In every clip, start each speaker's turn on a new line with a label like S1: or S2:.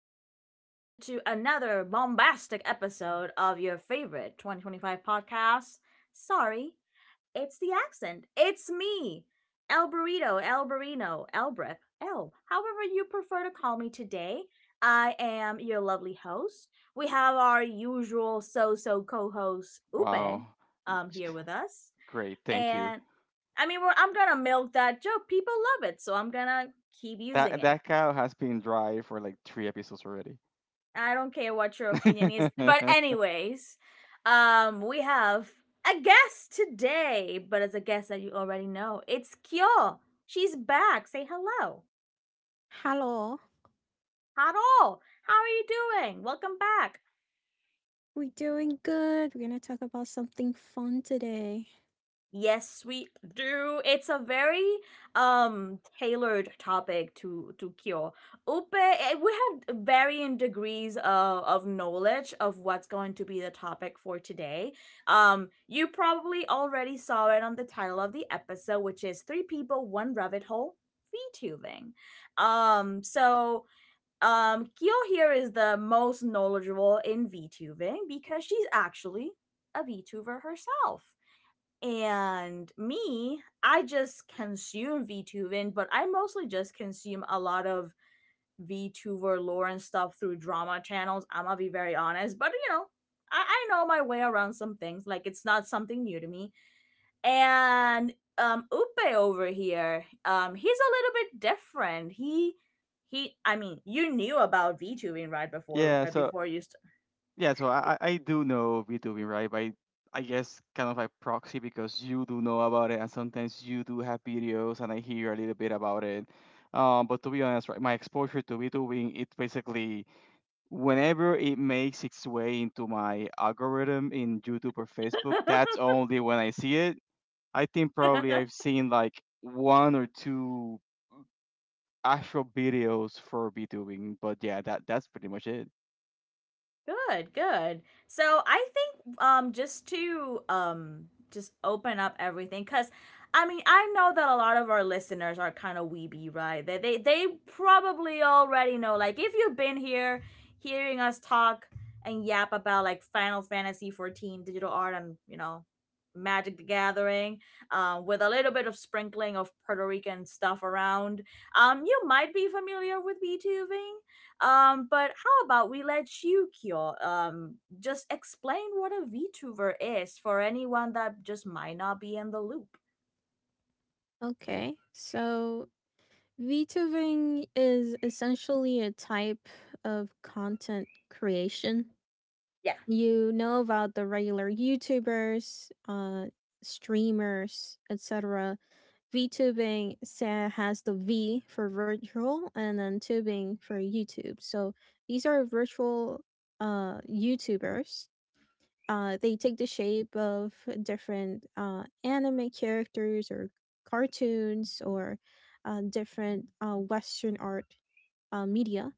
S1: once again to another bombastic episode of your favorite 2025 podcast. Sorry, it's the accent. It's me, El Burrito, El Burrino, Elbrip, Elb, however you prefer to call me today. I am your lovely host. We have our usual co host, Upe,
S2: Wow.
S1: here with us.
S2: Great, thank you.
S1: And I mean, I'm gonna milk that joke. People love it, so I'm gonna keep using
S2: That
S1: it.
S2: that cow has been dry for like three episodes already.
S1: I don't care what your opinion is. But anyways, we have a guest today, but it's a guest that you already know. It's Kyo. She's back. Say hello.
S3: Hello.
S1: Hello. How are you doing? Welcome back.
S3: We're doing good. We're going to talk about something fun today.
S1: Yes, we do. It's a very tailored topic to Kyo. Upe, we have varying degrees of knowledge of what's going to be the topic for today. You probably already saw it on the title of the episode, which is Three People, One Rabbit Hole, VTubing. So Kyo here is the most knowledgeable in VTubing because she's actually a VTuber herself. And me, I just consume VTubing, but I mostly just consume a lot of VTuber lore and stuff through drama channels. I'm gonna be very honest, but you know, I know my way around some things. Like, it's not something new to me and Upe over here, he's a little bit different. He I mean, you knew about VTubing right before
S2: yeah,
S1: Upe
S2: so
S1: before you
S2: yeah, so I do know VTubing, right? But I guess kind of like proxy because you do know about it and sometimes you do have videos and I hear a little bit about it. But to be honest, right, my exposure to VTubing, it basically whenever it makes its way into my algorithm in YouTube or Facebook, that's only when I see it. I think probably I've seen like one or two actual videos for VTubing, but yeah, that's pretty much it.
S1: Good, good. So I think just to just open up everything cuz I mean, I know that a lot of our listeners are kind of weeby, right? They probably already know like if you've been here hearing us talk and yap about like Final Fantasy 14 digital art and, you know, Magic the Gathering, with a little bit of sprinkling of Puerto Rican stuff around. You might be familiar with VTubing. But how about we let you, Kyo, just explain what a VTuber is for anyone that just might not be in the loop.
S3: Okay. So, VTubing is essentially a type of content creation.
S1: Yeah,
S3: You know about the regular YouTubers, streamers, etc. Has the V for virtual and then tubing for YouTube. So, these are virtual YouTubers. They take the shape of different anime characters or cartoons or different Western art, media.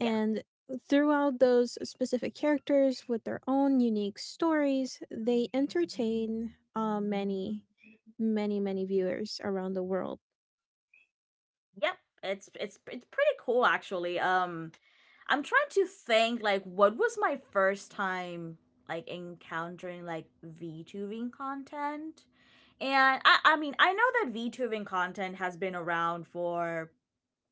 S1: yeah,
S3: And throughout those specific characters with their own unique stories, they entertain many, many, many viewers around the world.
S1: yep. It's pretty cool actually. I'm trying to think like what was my first time like encountering like VTubing content, and I mean I know that VTubing content has been around for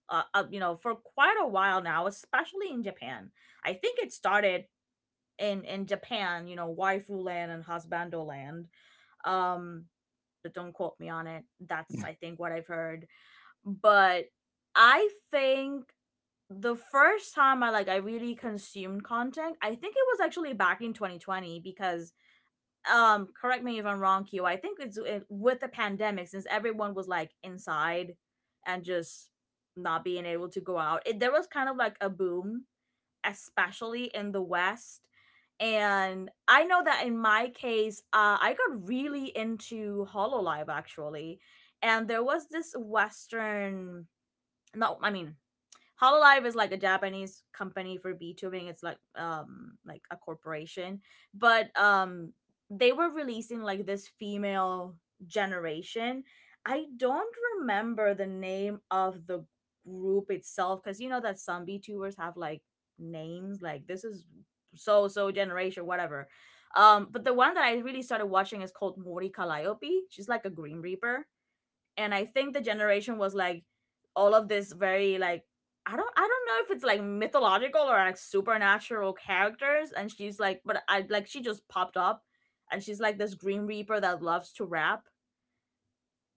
S1: you know for quite a while now, especially in Japan. I think it started in Japan, you know, waifu land and husbando land. Um, but don't quote me on it. That's I think what I've heard. But I think the first time I like I really consumed content, I think it was actually back in 2020 because correct me if I'm wrong, Q. I think with the pandemic since everyone was like inside and just not being able to go out. There was kind of like a boom especially in the West. And I know that in my case, I got really into Hololive actually. And there was this Western, no, I mean, Hololive is like a Japanese company for VTubing. It's like a corporation, but they were releasing like this female generation. I don't remember the name of the group itself because you know that some VTubers have like names like this is so generation whatever. But the one that I really started watching is called Mori Calliope. She's like a Green Reaper and I think the generation was like all of this very like I don't know if it's like mythological or like supernatural characters and she's like but I like she just popped up and she's like this Green Reaper that loves to rap.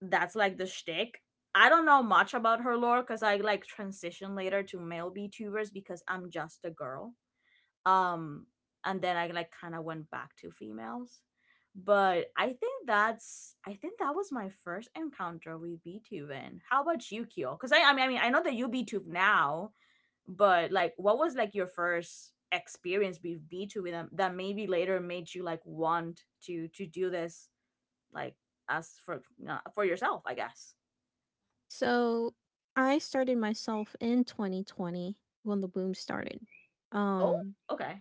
S1: That's like the shtick. I don't know much about her lore because I like transition later to male VTubers because I'm just a girl um and then I like kind of went back to females but I think that's I think that was my first encounter with beethoven. How about you, Kyo, because I mean I know that you beethoven now but like what was like your first experience with beethoven that, that maybe later made you like want to do this like as for yourself I guess.
S3: So I started myself in 2020 when the boom started.
S1: Oh,
S3: Um,
S1: okay.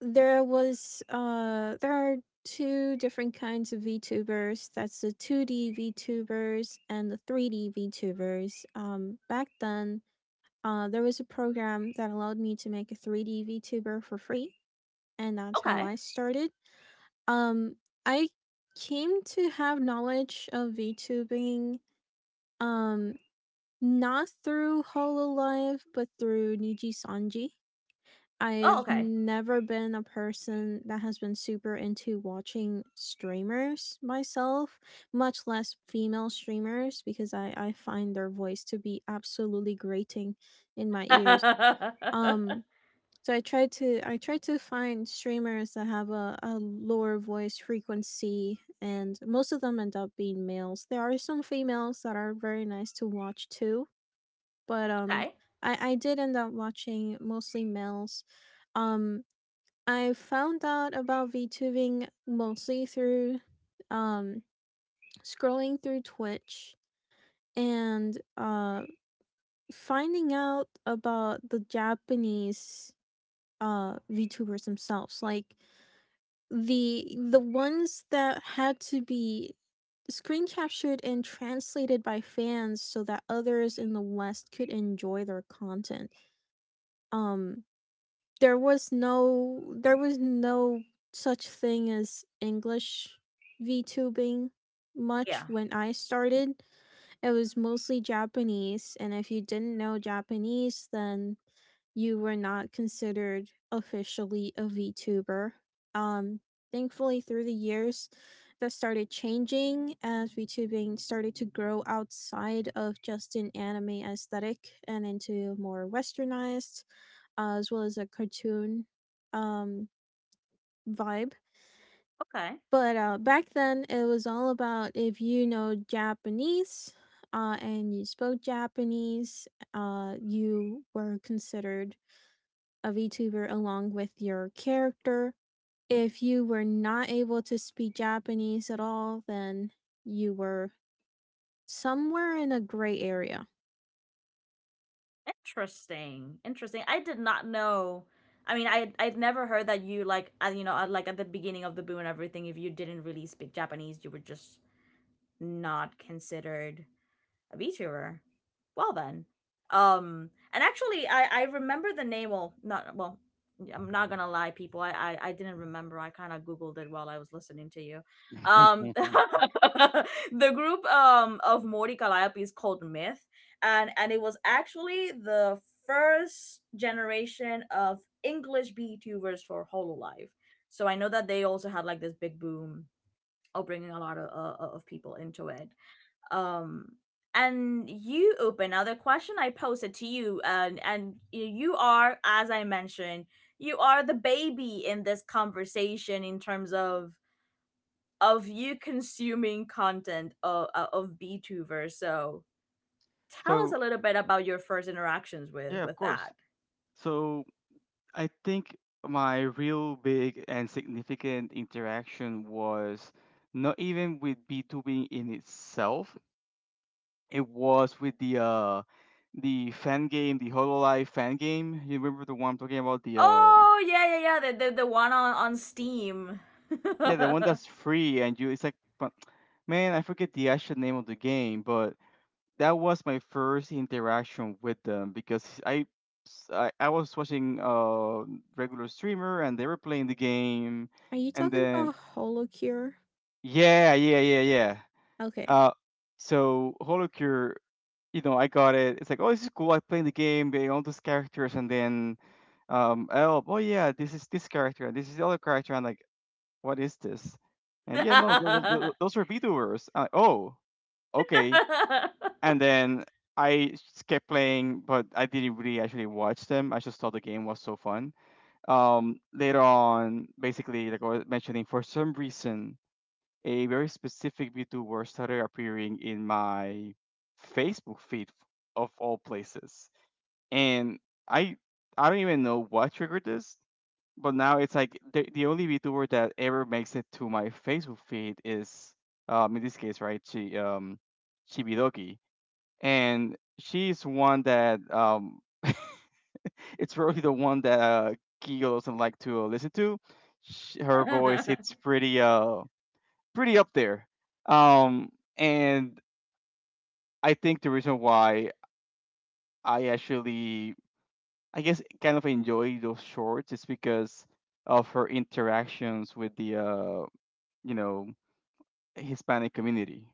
S3: There are two different kinds of VTubers. That's the 2D VTubers and the 3D VTubers. Back then, there was a program that allowed me to make a 3D VTuber for free, and that's how
S1: Okay.
S3: I started. Um I came to have knowledge of VTubing um not through Hololive, but through Niji Sanji.
S1: Oh,
S3: I've
S1: okay.
S3: never been a person that has been super into watching streamers myself, much less female streamers, because I find their voice to be absolutely grating in my ears. Um I try to find streamers that have a lower voice frequency and most of them end up being males. There are some females that are very nice to watch too, but
S1: Okay.
S3: I did end up watching mostly males. Um I found out about VTubing mostly through um, scrolling through Twitch and finding out about the Japanese VTubers themselves, like the ones that had to be screen captured and translated by fans so that others in the West could enjoy their content. Um, there was no such thing as English VTubing
S1: Yeah,
S3: much when I started. It was mostly Japanese, and if you didn't know Japanese, then you were not considered officially a VTuber. Um, thankfully, through the years, that started changing as VTubing started to grow outside of just an anime aesthetic and into more westernized, as well as a cartoon um vibe.
S1: okay.
S3: But back then, it was all about if you know Japanese and you spoke Japanese, you were considered a VTuber along with your character. If you were not able to speak Japanese at all, then you were somewhere in a gray area.
S1: Interesting, interesting. I did not know. I mean, I I'd never heard that you like you know like at the beginning of the boom and everything. If you didn't really speak Japanese, you were just not considered a VTuber. Well then, and actually, I remember the name. Well, not well. Yeah, I'm not gonna lie, people. I didn't remember. I kind of googled it while I was listening to you. The group of Mori Calliope is called Myth, and it was actually the first generation of English VTubers for Hololive. So I know that they also had like this big boom of bringing a lot of people into it um and you open now the question I posted to you and you are as I mentioned you are the baby in this conversation in terms of you consuming content of btuber so tell us
S2: So
S1: a little bit about your first interactions
S2: yeah, of
S1: with
S2: course.
S1: that.
S2: So I think my real big and significant interaction was not even with B2B in itself. It was with the fan game, the Hololive fan game. You remember the one I'm talking about? The
S1: Oh, yeah, yeah, yeah, the the one on steam
S2: Yeah, the one
S1: i
S2: that's free and you it's like but man, I forget the actual name of the game, but that was my first interaction with them because I was watching a regular streamer and they were playing the game
S3: Are you
S2: and
S3: talking
S2: then
S3: about Holocure?
S2: yeah.
S3: Okay,
S2: Uh so Holocure, you know, I got it. It's like, oh, this is cool, I playing the game, getting all those characters and then oh, oh yeah, this is this character and this is the other character and like what is this? And yeah, no, those,
S1: mean
S2: those, those were VTubers. I'm like, oh, okay. And then I just kept playing, but I didn't really actually watch them. I just thought the game was so fun. Later on, basically, like I was mentioning, for some reason, a very specific VTuber started appearing in my Facebook feed of all places. And I I don't even know what triggered this but now it's like the only VTuber that ever makes it to my Facebook feed is in this case, right, she, Chibidoki, and she's one that it's really the one that Gigo doesn't like to listen to. Sh Her voice, it's pretty, pretty up there. Um and I think the reason why I actually I guess kind of enjoy those shorts is because of her interactions with the you know, Hispanic community.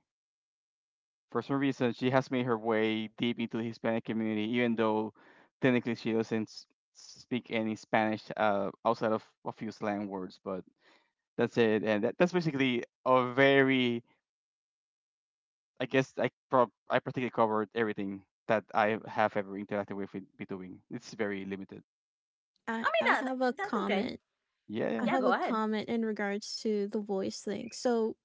S2: For some reason, she has made her way deep into the Hispanic community, even though technically she doesn't s- speak any Spanish outside of a few slang words. But that's it, and that's basically a very, I guess, I practically covered everything that I have ever interacted with b. It's very limited.
S3: I
S1: that
S3: have a
S1: that's okay.
S3: comment. I
S2: Yeah.
S1: Yeah,
S3: have
S1: go
S3: a
S1: ahead.
S3: comment in regards to the voice thing. So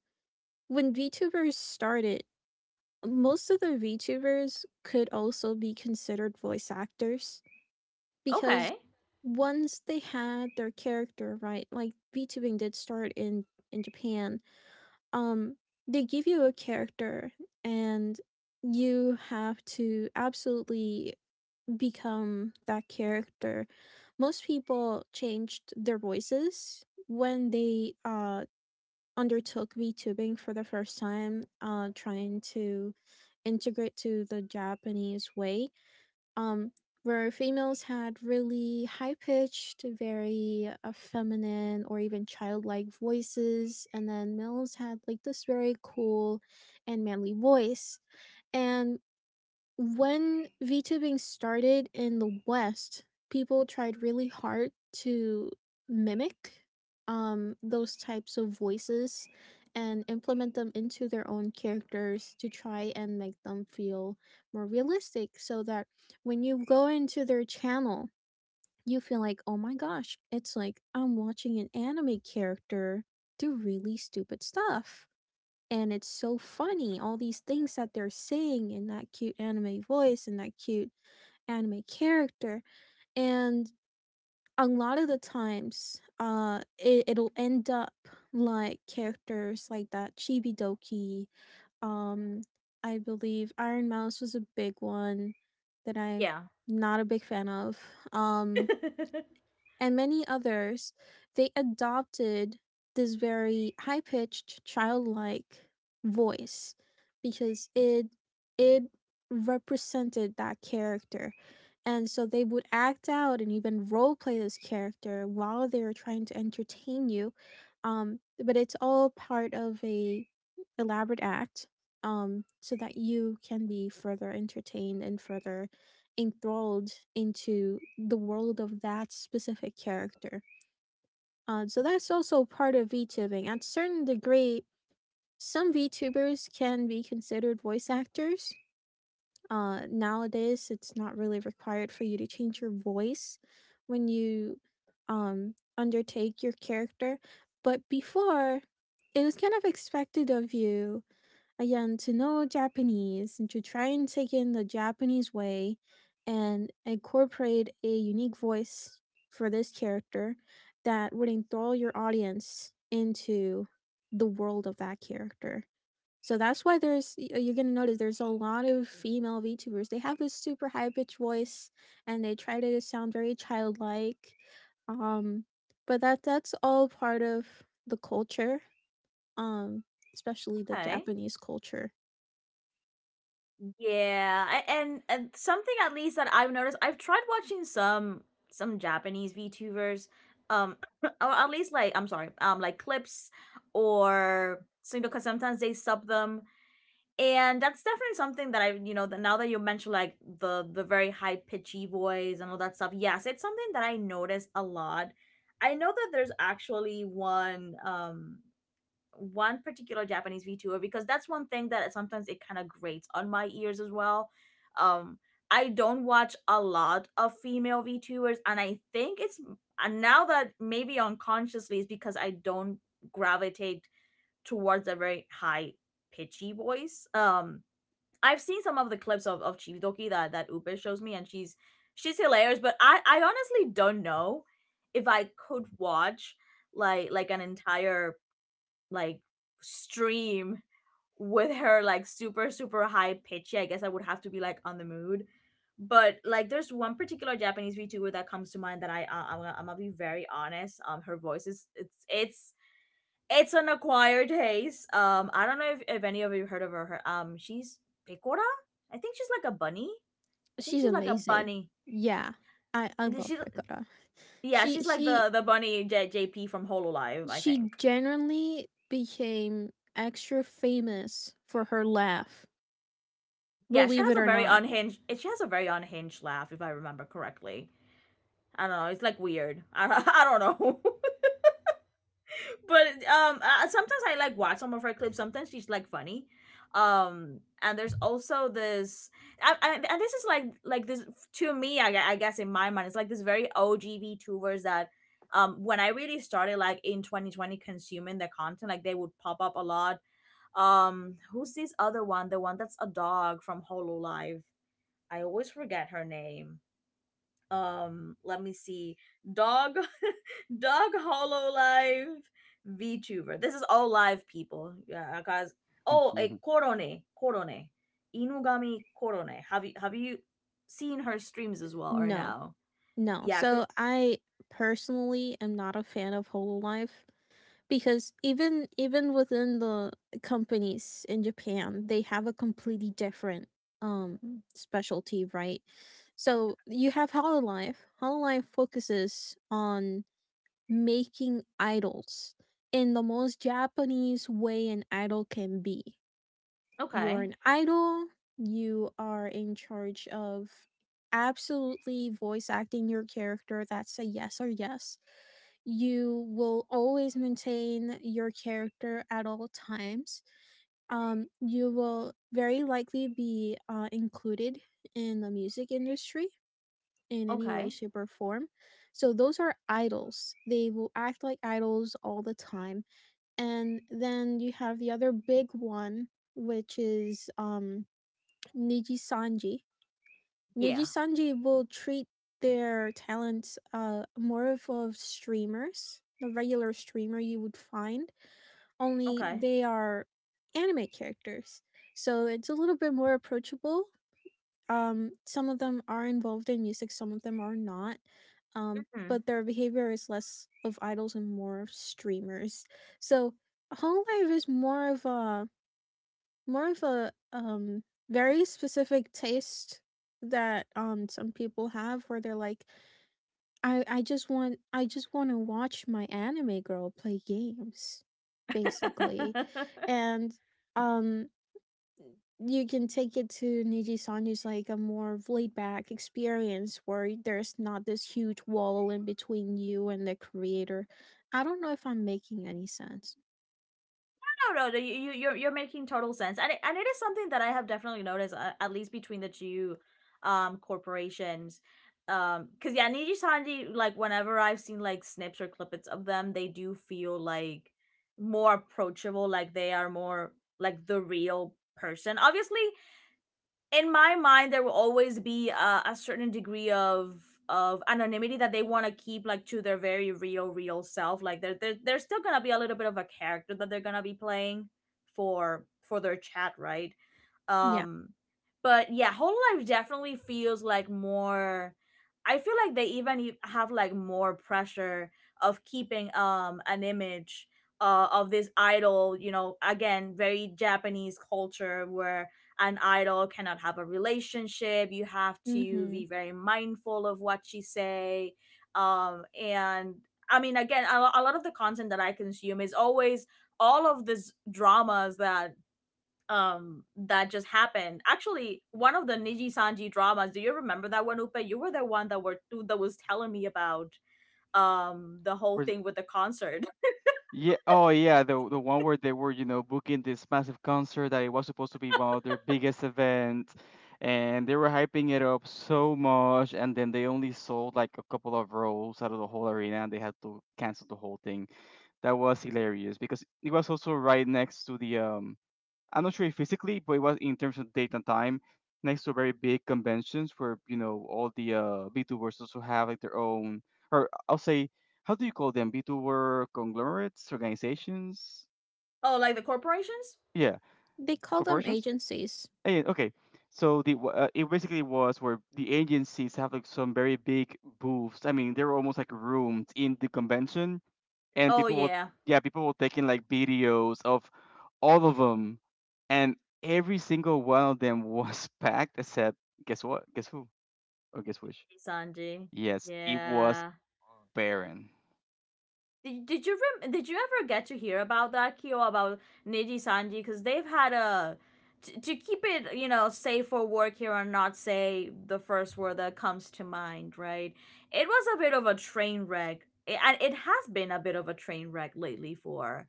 S3: when VTubers started, most of the VTubers could also be considered voice actors because
S1: Okay.
S3: once they had their character, right? Like VTubing did start in Japan. Um they give you a character and you have to absolutely become that character. Most people changed their voices when they undertook VTubing for the first time, trying to integrate to the Japanese way, um, where females had really high pitched, very feminine or even childlike voices, and then males had like this very cool and manly voice. And when VTubing started in the West, people tried really hard to mimic those types of voices and implement them into their own characters to try and make them feel more realistic so that when you go into their channel, you feel like, oh my gosh, it's like I'm watching an anime character do really stupid stuff and it's so funny all these things that they're saying in that cute anime voice and that cute anime character. And a lot of the times it'll end up like characters like that Chibi Doki. um I believe Iron Mouse was a big one that I'm
S1: Yeah.
S3: not a big fan of. um and many others, they adopted this very high pitched childlike voice because it represented that character. And so they would act out and even role play this character while they were trying to entertain you. But it's all part of a elaborate act, so that you can be further entertained and further enthralled into the world of that specific character. So that's also part of VTubing. At a certain degree, some VTubers can be considered voice actors. Nowadays, it's not really required for you to change your voice when you undertake your character. But before, it was kind of expected of you again to know Japanese and to try and take in the Japanese way and incorporate a unique voice for this character that would enthrall your audience into the world of that character. So that's why you're gonna notice there's a lot of female VTubers. They have this super high pitched voice and they try to sound very childlike. Um, but that's all part of the culture. Um, especially the
S1: Okay.
S3: Japanese culture.
S1: Yeah, and something at least that I've noticed, I've tried watching some Japanese VTubers, um, or at least like I'm sorry, like clips or so because sometimes they sub them, and that's definitely something that I you know that now that you mentioned like the very high pitchy voice and all that stuff. Yes, it's something that I notice a lot. I know that there's actually one one particular Japanese VTuber because that's one thing that sometimes it kind of grates on my ears as well. Um, I don't watch a lot of female VTubers, and I think it's and now that maybe unconsciously is because I don't gravitate towards a very high pitchy voice. I've seen some of the clips of Chibidoki that that Upe shows me, and she's hilarious. But I honestly don't know if I could watch like an entire like stream with her like super super high pitchy I guess I would have to be like on the mood but like there's one particular japanese vtuber that comes to mind that I I'm gonna be very honest her voice is it's an acquired taste I don't know if any of you heard of her, she's picora I think she's like a bunny i think
S3: She's
S1: she's like a
S3: amazing.
S1: bunny
S3: Yeah, I love
S1: She's
S3: Pekara.
S1: yeah
S3: She
S1: she's like
S3: she
S1: the bunny jp from hololive I
S3: she
S1: think.
S3: genuinely became extra famous for her laugh.
S1: Yeah, she
S3: Believe
S1: has
S3: it
S1: a
S3: or
S1: very
S3: not.
S1: unhinged she has a very unhinged laugh if I remember correctly. I don't know, it's like weird. I don't, I don't know. But sometimes I like watch some of her clips. Sometimes she's like funny. And there's also this and this is like this to me I guess in my mind it's like this very OGV tubers that when I really started like in 2020 consuming the content like they would pop up a lot. Um, who's this other one? The one that's a dog from Hololive. I always forget her name. Let me see. Dog, Dog Hollow Live VTuber. This is all live people. Yeah, guys. Oh, a Korone, Korone, Inugami Korone. Have you seen her streams as well or
S3: No.
S1: no?
S3: No.
S1: Yeah. Good.
S3: So I personally am not a fan of Hololive because even within the companies in Japan, they have a completely different specialty, right? So you have Hololive. Hololive focuses on making idols in the most Japanese way an idol can be. You're
S1: Okay.
S3: an idol, you are in charge of absolutely voice acting your character. That's a yes or yes. You will always maintain your character at all times. You will very likely be included in the music industry in any way,
S1: Okay.
S3: shape, or form. So those are idols. They will act like idols all the time. And then you have the other big one, which is Niji Sanji. Niji
S1: Yeah.
S3: Sanji will treat their talents, more of streamers, the regular streamer you would find, only
S1: Okay.
S3: they are anime characters. So it's a little bit more approachable. Some of them are involved in music, some of them are not.
S1: Hmm.
S3: But their behavior is less of idols and more of streamers. So Home Life is more of a more of a um very specific taste that some people have where they're like, I just wanna watch my anime girl play games, basically. And um you can take it to Niji-san is like a more laid back experience where there's not this huge wall in between you and the creator. I don't know if I'm making any sense.
S1: No, no, no, you, you're making total sense, and and it is something that I have definitely noticed, at least between the two, corporations, because yeah, Niji Sanji, like whenever I've seen like snips or clippets of them, they do feel like more approachable, like they are more like the real person. Obviously, in my mind there will always be a certain degree of anonymity that they want to keep, like, to their very real self. Like, there's still gonna be a little bit of a character that they're gonna be playing for their chat, right?
S3: Yeah.
S1: um but yeah, Whole Life definitely feels like more. I feel like they even have like more pressure of keeping an image, of this idol, you know. Again, very Japanese culture where an idol cannot have a relationship, you have to
S3: Mm-hmm.
S1: be very mindful of what you say. And I mean, again, a lot of the content that I consume is always all of these dramas that that just happened. Actually, one of the Niji Sanji dramas, do you remember that one, Upe? You were the one that were that was telling me about the whole
S2: We're
S1: thing with the concert.
S2: Yeah. Oh, yeah. The one where they were, you know, booking this massive concert that it was supposed to be one of their biggest events, and they were hyping it up so much, and then they only sold like a couple of rows out of the whole arena, and they had to cancel the whole thing. That was hilarious because it was also right next to the, I'm not sure physically, but it was in terms of date and time next to very big conventions where you know all the VTubers also have like their own, or I'll say, how do you call them? VTuber conglomerates, organizations,
S1: Oh, like the corporations.
S2: yeah,
S3: They call them
S2: corporations.
S3: agencies.
S2: Eh, okay, so it basically was where the agencies have like some very big booths. I mean, they were almost like rooms in the convention and
S1: Oh,
S2: people will
S1: yeah.
S2: yeah people will taking like videos of all of them and every single one of them was packed except guess what, guess who, or guess which.
S1: Sanji.
S2: Yes, it was
S1: Yeah.
S2: barren.
S1: Did you did you ever get to hear about that, Kyo, about Niji Sanji? Because they've had a, to keep it, you know, safe for work here and not say the first word that comes to mind, right? It was a bit of a train wreck, and it has been a bit of a train wreck lately for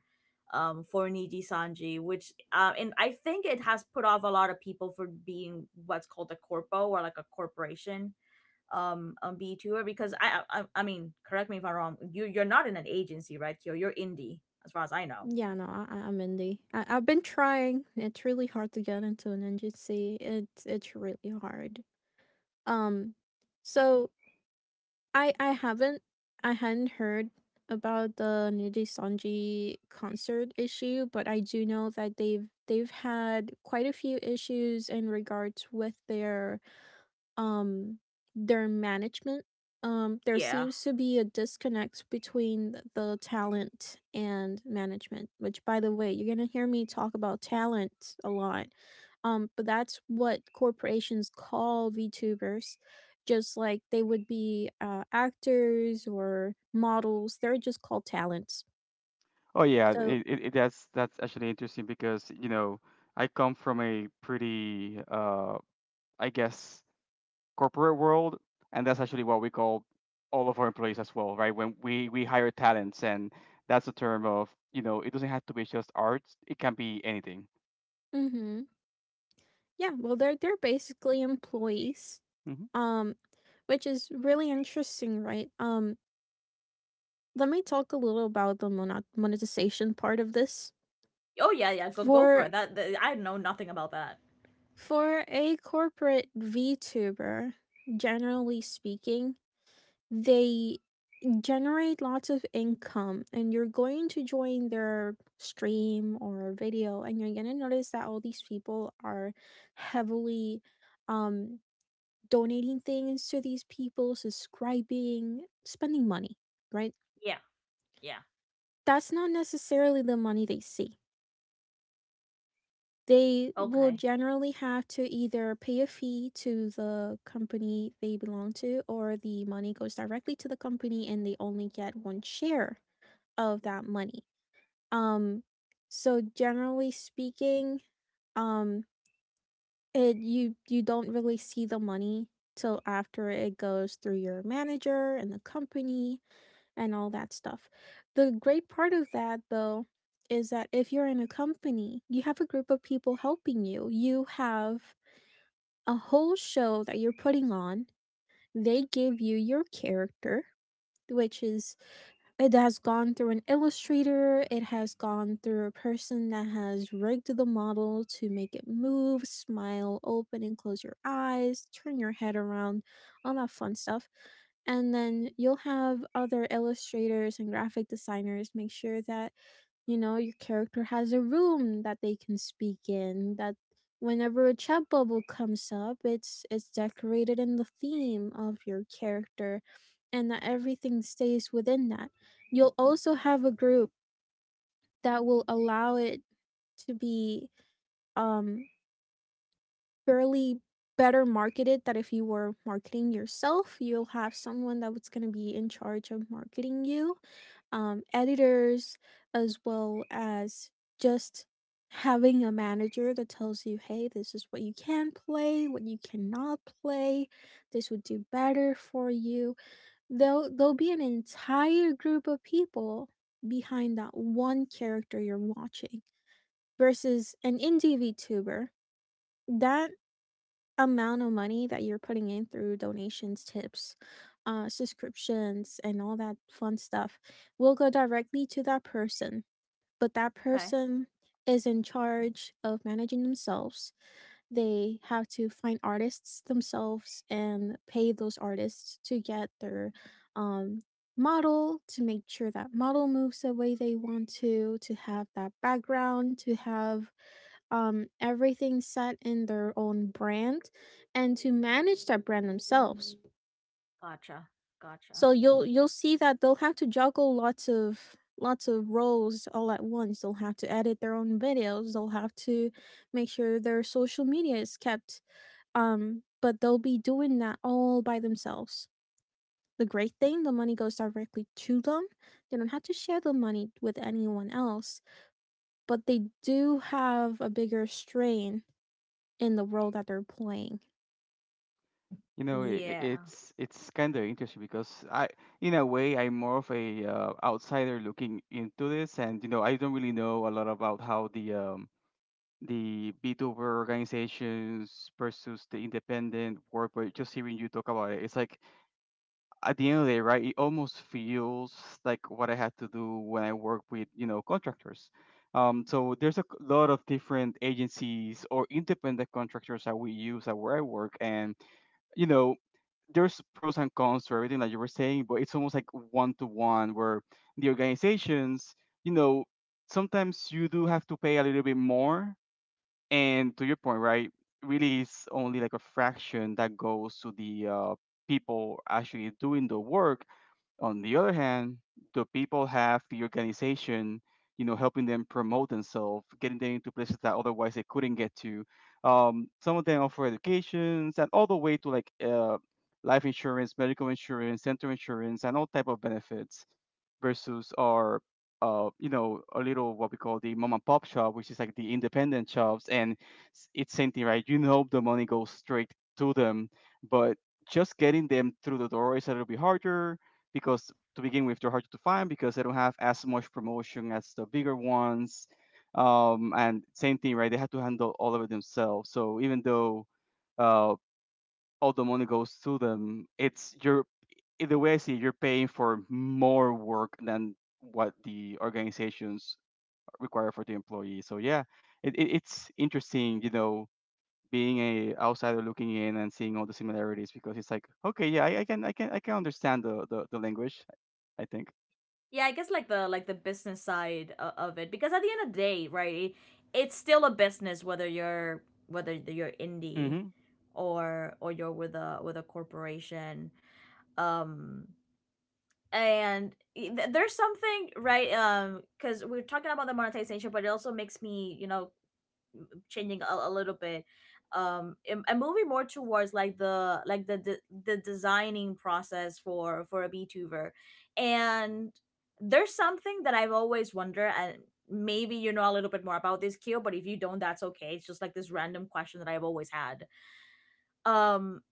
S1: Niji Sanji, which, and I think it has put off a lot of people for being what's called a corpo or like a corporation. B 2, because I mean, correct me if I'm wrong, you're not in an agency, right, Kyo? You're indie as far as I know.
S3: Yeah, no, I'm indie. I, I've been trying. It's really hard to get into an agency. It's really hard. Um, so I I haven't I hadn't heard about the Niji Sanji concert issue, but I do know that they've had quite a few issues in regards with um their management. There
S1: Yeah.
S3: seems to be a disconnect between the talent and management, which by the way you're going to hear me talk about talent a lot. But that's what corporations call VTubers, just like they would be, actors or models. They're just called talents.
S2: Oh yeah,
S3: So,
S2: that's actually interesting because you know I come from a pretty I guess corporate world, and that's actually what we call all of our employees as well, right? When we hire talents, and that's a term of, you know, it doesn't have to be just arts; it can be anything.
S3: mhm, yeah, well, they're basically employees.
S2: Hmm.
S3: um which is really interesting, right? Let me talk a little about the monetization part of this.
S1: Oh, yeah, yeah, go for
S3: For
S1: it. That I know nothing about that.
S3: a corporate VTuber, generally speaking, they generate lots of income and you're going to join their stream or video and you're going to notice that all these people are heavily um donating things to these people, subscribing, spending money, right?
S1: Yeah, yeah.
S3: That's not necessarily the money they see. They will
S1: Okay,
S3: generally have to either pay a fee to the company they belong to, or the money goes directly to the company and they only get one share of that money. Um, so generally speaking, um, it you don't really see the money till after it goes through your manager and the company and all that stuff. The great part of that though is that if you're in a company, you have a group of people helping you. You have a whole show that you're putting on. They give you your character, which is it has gone through an illustrator, it has gone through a person that has rigged the model to make it move, smile, open and close your eyes, turn your head around, all that fun stuff. And then you'll have other illustrators and graphic designers make sure that you know, your character has a room that they can speak in, that whenever a chat bubble comes up, it's decorated in the theme of your character and that everything stays within that. You'll also have a group that will allow it to be um fairly better marketed, that if you were marketing yourself, you'll have someone that was going to be in charge of marketing you, editors, as well as just having a manager that tells you, hey, this is what you can play, what you cannot play, this would do better for you. There'll be an entire group of people behind that one character you're watching versus an indie VTuber. That amount of money that you're putting in through donations, tips, subscriptions, and all that fun stuff will go directly to that person. But that
S1: okay.
S3: person is in charge of managing themselves. They have to find artists themselves and pay those artists to get their um, model, to make sure that model moves the way they want to have that background, to have everything set in their own brand and to manage that brand themselves.
S1: Gotcha, gotcha.
S3: So you'll see that they'll have to juggle lots of roles all at once. They'll have to edit their own videos. They'll have to make sure their social media is kept. But they'll be doing that all by themselves. The great thing, the money goes directly to them. They don't have to share the money with anyone else, but they do have a bigger strain in the world that they're playing.
S2: You know, I
S1: Yeah,
S2: it's kind of interesting because in a way, I'm more of a outsider looking into this, and you know, I don't really know a lot about how the B2B organizations versus the independent work, but just hearing you talk about it, it's like at the end of the day, right, it almost feels like what I had to do when I work with, you know, contractors. So there's lot of different agencies or independent contractors that we use at where I work, and you know, there's pros and cons to everything that you were saying, but it's almost like one to one where the organizations, you know, sometimes you do have to pay a little bit more, and to your point, right, really is only like a fraction that goes to the people actually doing the work. On the other hand, the people have the organization, you know, helping them promote themselves, getting them into places that otherwise they couldn't get to. Some of them offer educations and all the way to like life insurance, medical insurance, dental insurance, and all type of benefits versus our you know, a little what we call the mom and pop shop, which is like the independent shops, and it's same thing, right, you know, the money goes straight to them, but just getting them through the door is a little bit harder because to begin with they're hard to find because they don't have as much promotion as the bigger ones. Um, and same thing, right, they have to handle all of it themselves, so even though uh, all the money goes to them, it's, you're in the way I see it, you're paying for more work than what the organizations require for the employee. So yeah, it's interesting, you know, being a outsider looking in and seeing all the similarities because it's like okay, yeah, I can I can understand the language, I think.
S1: yeah. I guess, like, the business side of it, because at the end of the day, right, it's still a business whether you're
S2: Mm-hmm.
S1: indie
S2: Mm-hmm.
S1: or you're with a corporation. um and there's something, right? Because we're talking about the monetization, but it also makes me, you know, changing a little bit. And am moving more towards like the the designing process for a VTuber. And there's something that I've always wondered, and maybe you know a little bit more about this, Q. But if you don't, that's okay. It's just like this random question that I've always had. um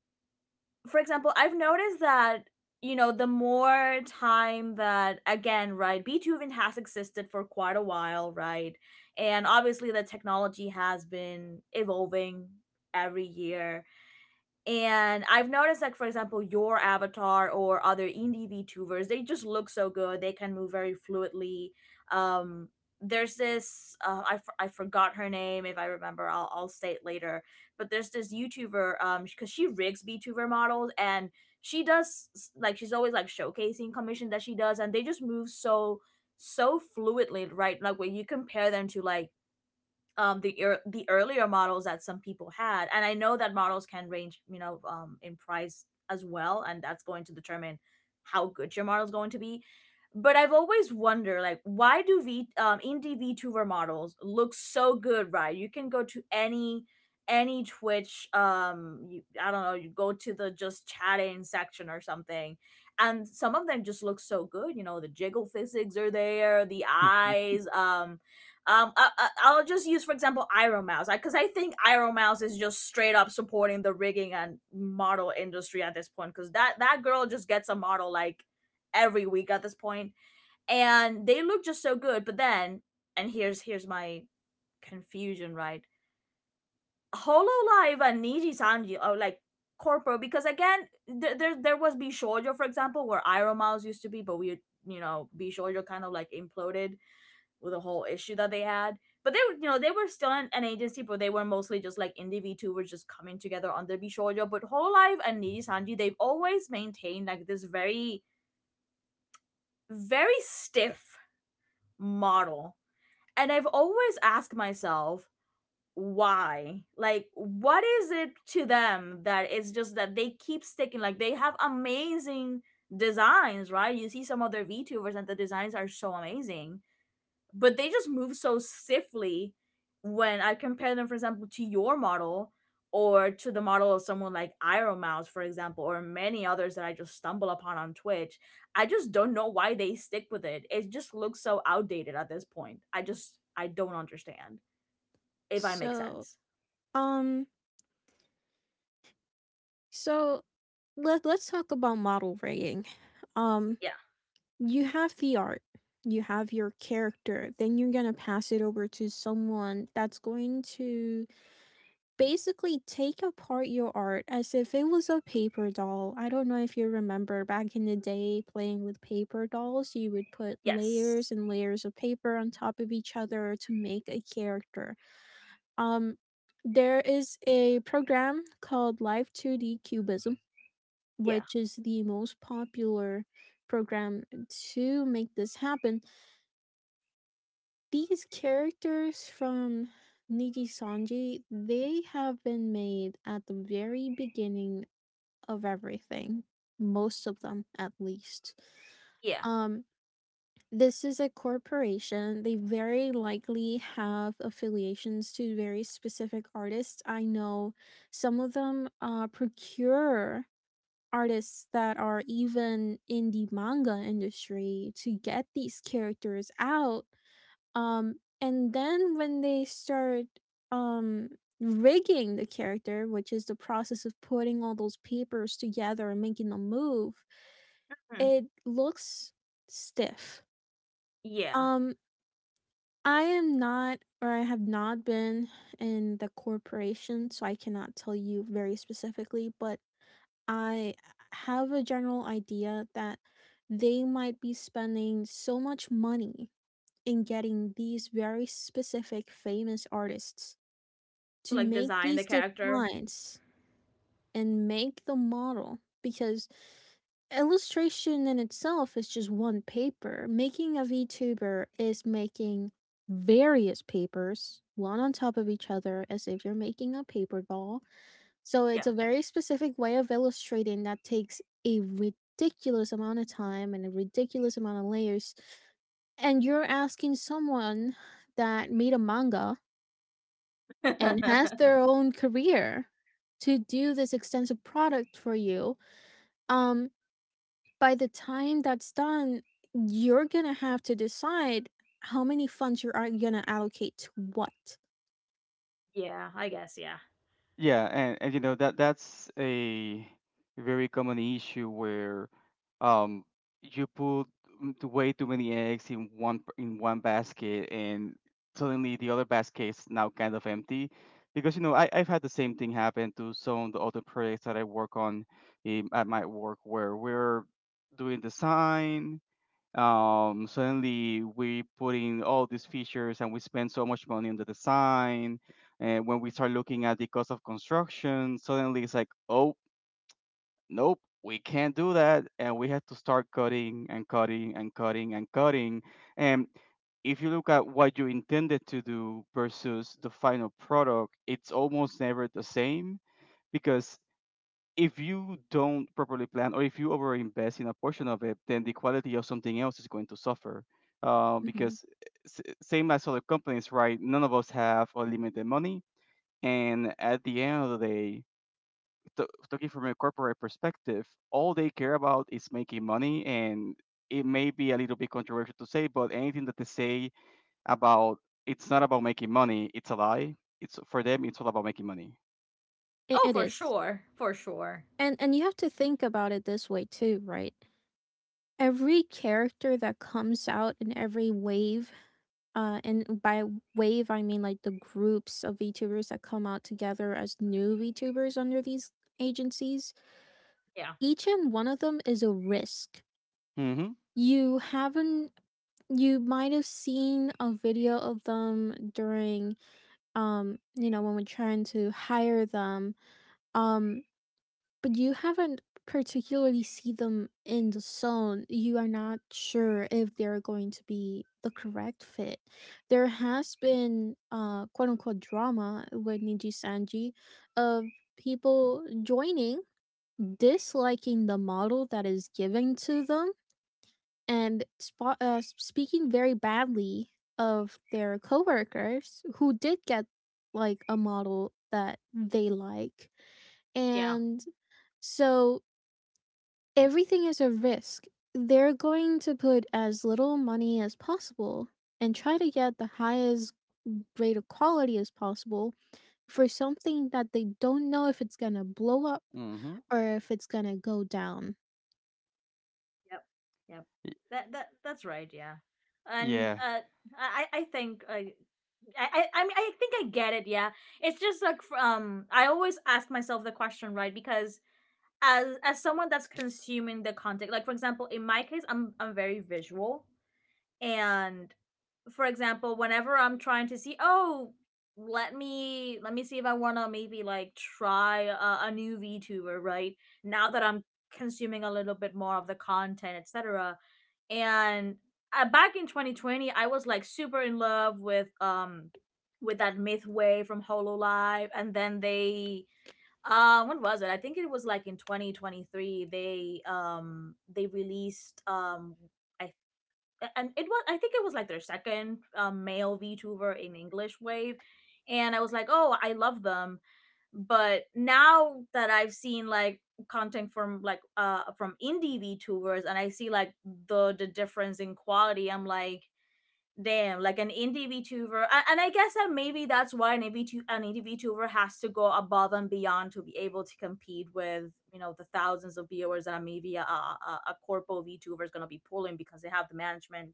S1: for example, I've noticed that, you know, the more time that, again, right, Beethoven has existed for quite a while, right, and obviously the technology has been evolving every year. And I've noticed, like, for example, your avatar or other indie VTubers, they just look so good. They can move very fluidly. Um, there's this, I forgot her name. If I remember, I'll say it later. But there's this YouTuber, because she rigs VTuber models, and she does, like, she's always like showcasing commission that she does, and they just move so, so fluidly, right? Like, when you compare them to, like, the earlier models that some people had. And I know that models can range, you know, in price as well, and that's going to determine how good your model is going to be. But I've always wondered, like, why do v indie VTuber models look so good, right? You can go to any Twitch, you, I don't know, you go to the just chatting section or something, and some of them just look so good. You know, the jiggle physics are there, the eyes, I'll just use, for example, Iron Mouse, because I think Iron Mouse is just straight up supporting the rigging and model industry at this point, because that girl just gets a model like every week at this point, and they look just so good. But then, and here's my confusion, right? Hololive and Niji Sanji are like corporal, because again, there was Bishoujo, for example, where Iron Mouse used to be, but we, you know, Bishoujo kind of like imploded with the whole issue that they had. But they were, you know, they were still an agency, but they were mostly just like indie VTubers just coming together under Bishoujo. But Whole Life and Niji Sanji, they've always maintained like this very, very stiff model. And I've always asked myself, why? Like, what is it to them that it's just that they keep sticking? Like, they have amazing designs, right? You see some of their VTubers, and the designs are so amazing. But they just move so stiffly when I compare them, for example, to your model or to the model of someone like Iron Mouse, for example, or many others that I just stumble upon on Twitch. I just don't know why they stick with it. It just looks so outdated at this point. I don't understand, if I make
S3: So,
S1: sense.
S3: um, so let's talk about model rigging. Um,
S1: Yeah.
S3: you have the art, you have your character, then you're going to pass it over to someone that's going to basically take apart your art as if it was a paper doll. I don't know if you remember back in the day playing with paper dolls, you would put
S1: Yes.
S3: layers and layers of paper on top of each other to make a character. Um there is a program called Live 2D Cubism,
S1: Yeah.
S3: which is the most popular program to make this happen. These characters from Niji Sanji, they have been made at the very beginning of everything. Most of them, at least.
S1: Yeah.
S3: Um, this is a corporation. They very likely have affiliations to very specific artists. I know some of them procure artists that are even in the manga industry to get these characters out, and then when they start um rigging the character, which is the process of putting all those papers together and making them move,
S1: Mm.
S3: it looks stiff.
S1: Yeah.
S3: Um, I am not, or I have not been in the corporation, so I cannot tell you very specifically, but I have a general idea that they might be spending so much money in getting these very specific famous artists
S1: To
S3: to
S1: like
S3: make
S1: design the
S3: these
S1: character.
S3: designs and make the model, because illustration in itself is just one paper. Making a VTuber is making various papers, one on top of each other, as if you're making a paper doll. So it's a very specific way of illustrating that takes a ridiculous amount of time and a ridiculous amount of layers. And you're asking someone that made a manga and has
S1: Yeah.
S3: their own career to do this extensive product for you. um by the time that's done, you're gonna have to decide how many funds you're gonna allocate to what.
S1: Yeah. I guess. Yeah.
S2: Yeah, and you know that that's a very common issue where um you put way too many eggs in in one basket and suddenly the other basket is now kind of empty because you know I've had the same thing happen to some of the other projects that I work on in, at my work where we're doing design. Um, suddenly we put in all these features and we spend so much money on the design. And when we start looking at the cost of construction, suddenly it's like, oh, nope, we can't do that. And we have to start cutting and cutting and cutting and cutting. And if you look at what you intended to do versus the final product, it's almost never the same because if you don't properly plan or if you overinvest in a portion of it, then the quality of something else is going to suffer.
S3: Hmm,
S2: Because same as other companies, right? None of us have unlimited money, and at the end of the day, t- talking from a corporate perspective, all they care about is making money. And it may be a little bit controversial to say, but anything that they say about it's not about making money, it's a lie. It's for them, it's all about making money.
S3: it,
S1: Oh,
S3: it
S1: for
S3: is.
S1: sure. For sure.
S3: And you have to think about it this way too, right? Every character that comes out in every wave, and by wave I mean like the groups of VTubers that come out together as new VTubers under these agencies.
S1: Yeah.
S3: Each and one of them is a risk.
S2: Mm-hmm.
S3: You haven't You might have seen a video of them during, you know, when we're trying to hire them, um but you haven't particularly see them in the zone. You are not sure if they're going to be the correct fit. There has been quote unquote drama with Niji Sanji, of people joining, disliking the model that is given to them, and speaking very badly of their coworkers who did get like a model that they like.
S1: Yeah.
S3: And so everything is a risk. They're going to put as little money as possible and try to get the highest rate of quality as possible for something that they don't know if it's going to blow up
S2: Mm-hmm.
S3: or if it's going to go down.
S1: Yep. Yep. That's right. Yeah. And,
S2: Yeah.
S1: I think I mean, I think I get it. Yeah. It's just like I always ask myself the question, right? Because as someone that's consuming the content, like, for example, in my case, I'm very visual. And, for example, whenever I'm trying to see, oh, let me see if I want to maybe like try a new VTuber, right? Now that I'm consuming a little bit more of the content, etc. And, back in 2020, I was like super in love with that Mythway from Hololive. And then they, when was it? I think it was like in 2023, they released I and it was, I think it was like their second, male VTuber in English wave. And I was like, oh, I love them. But now that I've seen like content from like from indie VTubers, and I see like the difference in quality, I'm like, damn. Like, an indie VTuber, and I guess that maybe that's why an indie VTuber has to go above and beyond to be able to compete with, you know, the thousands of viewers that maybe a corpo VTuber is gonna be pulling, because they have the management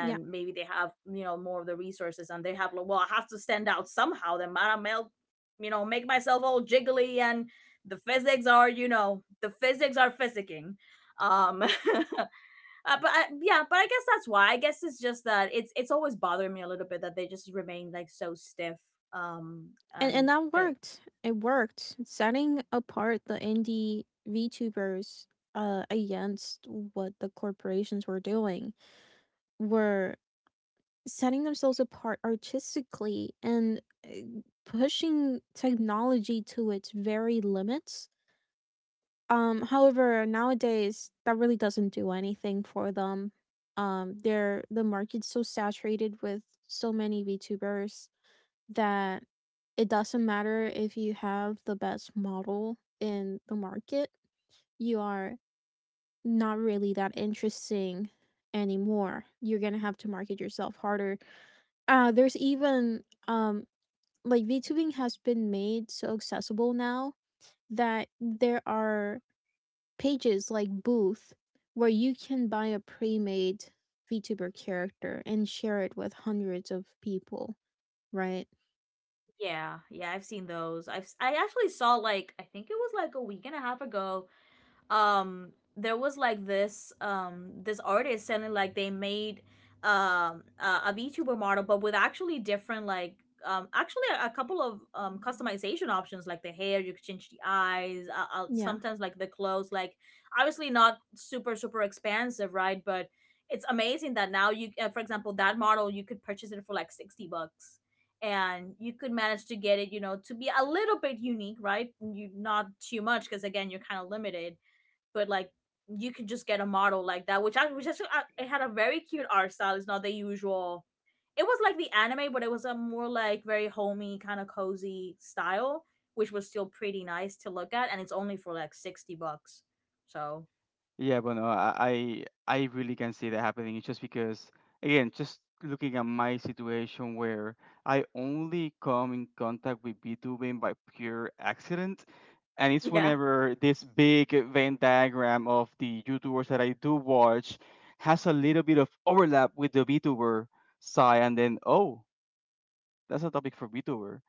S3: Yeah.
S1: maybe they have, you know, more of the resources, and they have like, well, I have to stand out somehow, then I melt, you know, make myself all jiggly, and the physics are, you know, the physics are physicking. um uh, but I, yeah, but I guess that's why. I guess it's just that it's always bothering me a little bit that they just remain like so stiff. um
S3: And
S1: and
S3: that
S1: uh,
S3: worked. It worked. Setting apart the indie VTubers against what the corporations were doing were setting themselves apart artistically and, uh, pushing technology to its very limits. However, nowadays that really doesn't do anything for them. They're the market's so saturated with so many VTubers that it doesn't matter if you have the best model in the market, you are not really that interesting anymore. You're gonna have to market yourself harder. There's even, like VTubing has been made so accessible now that there are pages like Booth where you can buy a pre made VTuber character and share it with hundreds of people, right?
S1: yeah. Yeah, I've seen those. I have. I actually saw, like, I think it was like a week and a half ago, there was like this artist selling, like they made a VTuber model, but with actually different, like, actually a couple of customization options, like the hair, you could change the eyes,
S3: Yeah.
S1: sometimes like the clothes, like, obviously not super super expansive, right? But it's amazing that now you, for example, that model you could purchase it for like 60 bucks, and you could manage to get it, you know, to be a little bit unique, right? You, not too much because, again, you're kind of limited. But like, you could just get a model like that, which I which actually, it had a very cute art style. It's not the usual. It was like the anime, but it was a more like very homey kind of cozy style, which was still pretty nice to look at, and it's only for like 60 bucks. So
S2: Yeah, but no, I really can see that happening. It's just because, again, just looking at my situation where I only come in contact with VTubing by pure accident, and it's
S1: yeah.
S2: whenever this big Venn diagram of the YouTubers that I do watch has a little bit of overlap with the VTuber side, and then oh, that's a topic for VTuber,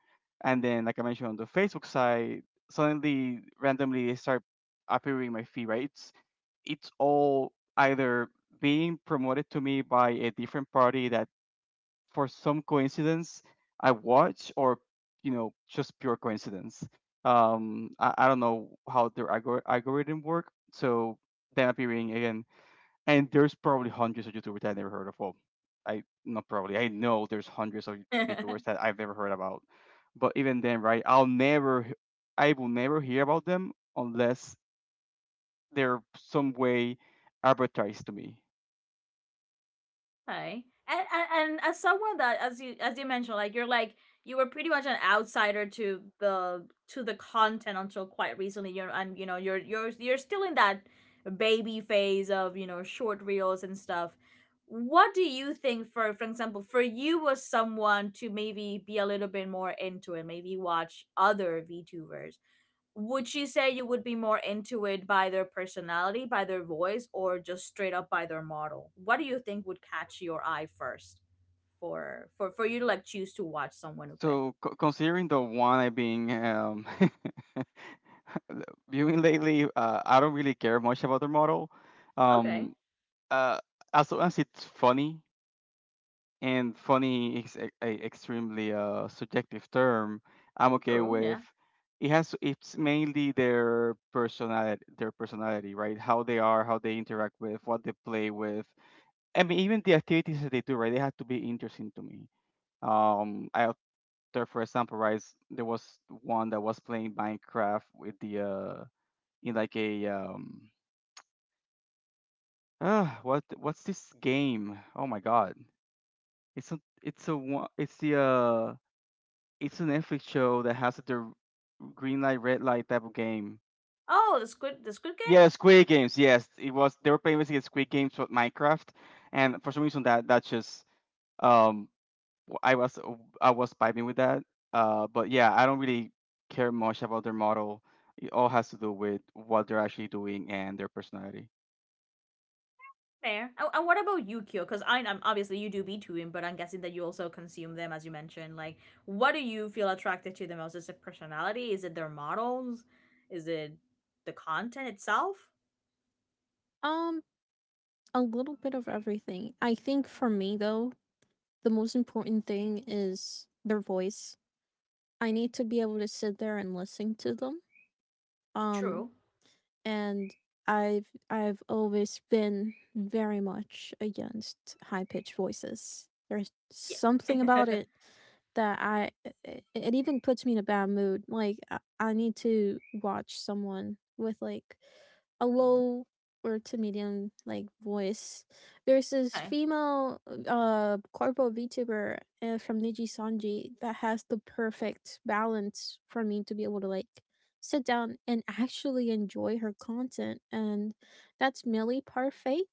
S2: and then like I mentioned on the Facebook side, suddenly randomly they start appearing in my feed, right? It's all either being promoted to me by a different party that for some coincidence I watch or you know just pure coincidence. I don't know how their algorithm work, so then appearing again, and there's probably hundreds of YouTubers that I never heard of. Well, I not probably I know there's hundreds of YouTubers that I've never heard about, but even then, right? I will never hear about them unless they're some way advertised to me.
S1: Okay. And as someone that, as you mentioned, like you're like you were pretty much an outsider to the content until quite recently. You're, and you know, you're still in that baby phase of, you know, short reels and stuff. What do you think, for example, for you as someone to maybe be a little bit more into it, maybe watch other VTubers? Would she say you would be more into it by their personality, by their voice, or just straight up by their model? What do you think would catch your eye first for you to like choose to watch someone, Upe?
S2: So considering the one I've been viewing lately, I don't really care much about the model.
S1: Okay,
S2: Um, uh, as long as it's funny, and funny is a extremely subjective term, I'm okay
S1: true,
S2: with.
S1: yeah.
S2: It has it's mainly their personality, right? How they are, how they interact with, what they play with. I mean, even the activities that they do, right? They have to be interesting to me. I there for example, right? There was one that was playing Minecraft with the in like a, what what's this game? Oh my god! It's a one it's the it's a Netflix show that has the green light red light type of game.
S1: Oh, the Squid Game.
S2: Yeah, Squid Games. Yes, it was. They were playing basically Squid Games with Minecraft, and for some reason that that just um w- I was uh, I was vibing with that. But yeah, I don't really care much about their model. It all has to do with what they're actually doing and their personality.
S1: Fair. And what about you, Kyo? Because I am, obviously you do be to him, but I'm guessing that you also consume them, as you mentioned. Like, what do you feel attracted to the most? Is it personality? Is it their models? Is it the content itself?
S3: Um, A little bit of everything. I think for me though, the most important thing is their voice. I need to be able to sit there and listen to them. Um
S1: True.
S3: and I've always been very much against high pitched voices. There's
S1: Yeah.
S3: something about it that I it, it even puts me in a bad mood. Like I need to watch someone with like a low or to medium like voice. There's this
S1: Okay.
S3: female corporal VTuber, from Niji Sanji that has the perfect balance for me to be able to like sit down and actually enjoy her content. And that's Millie Parfait.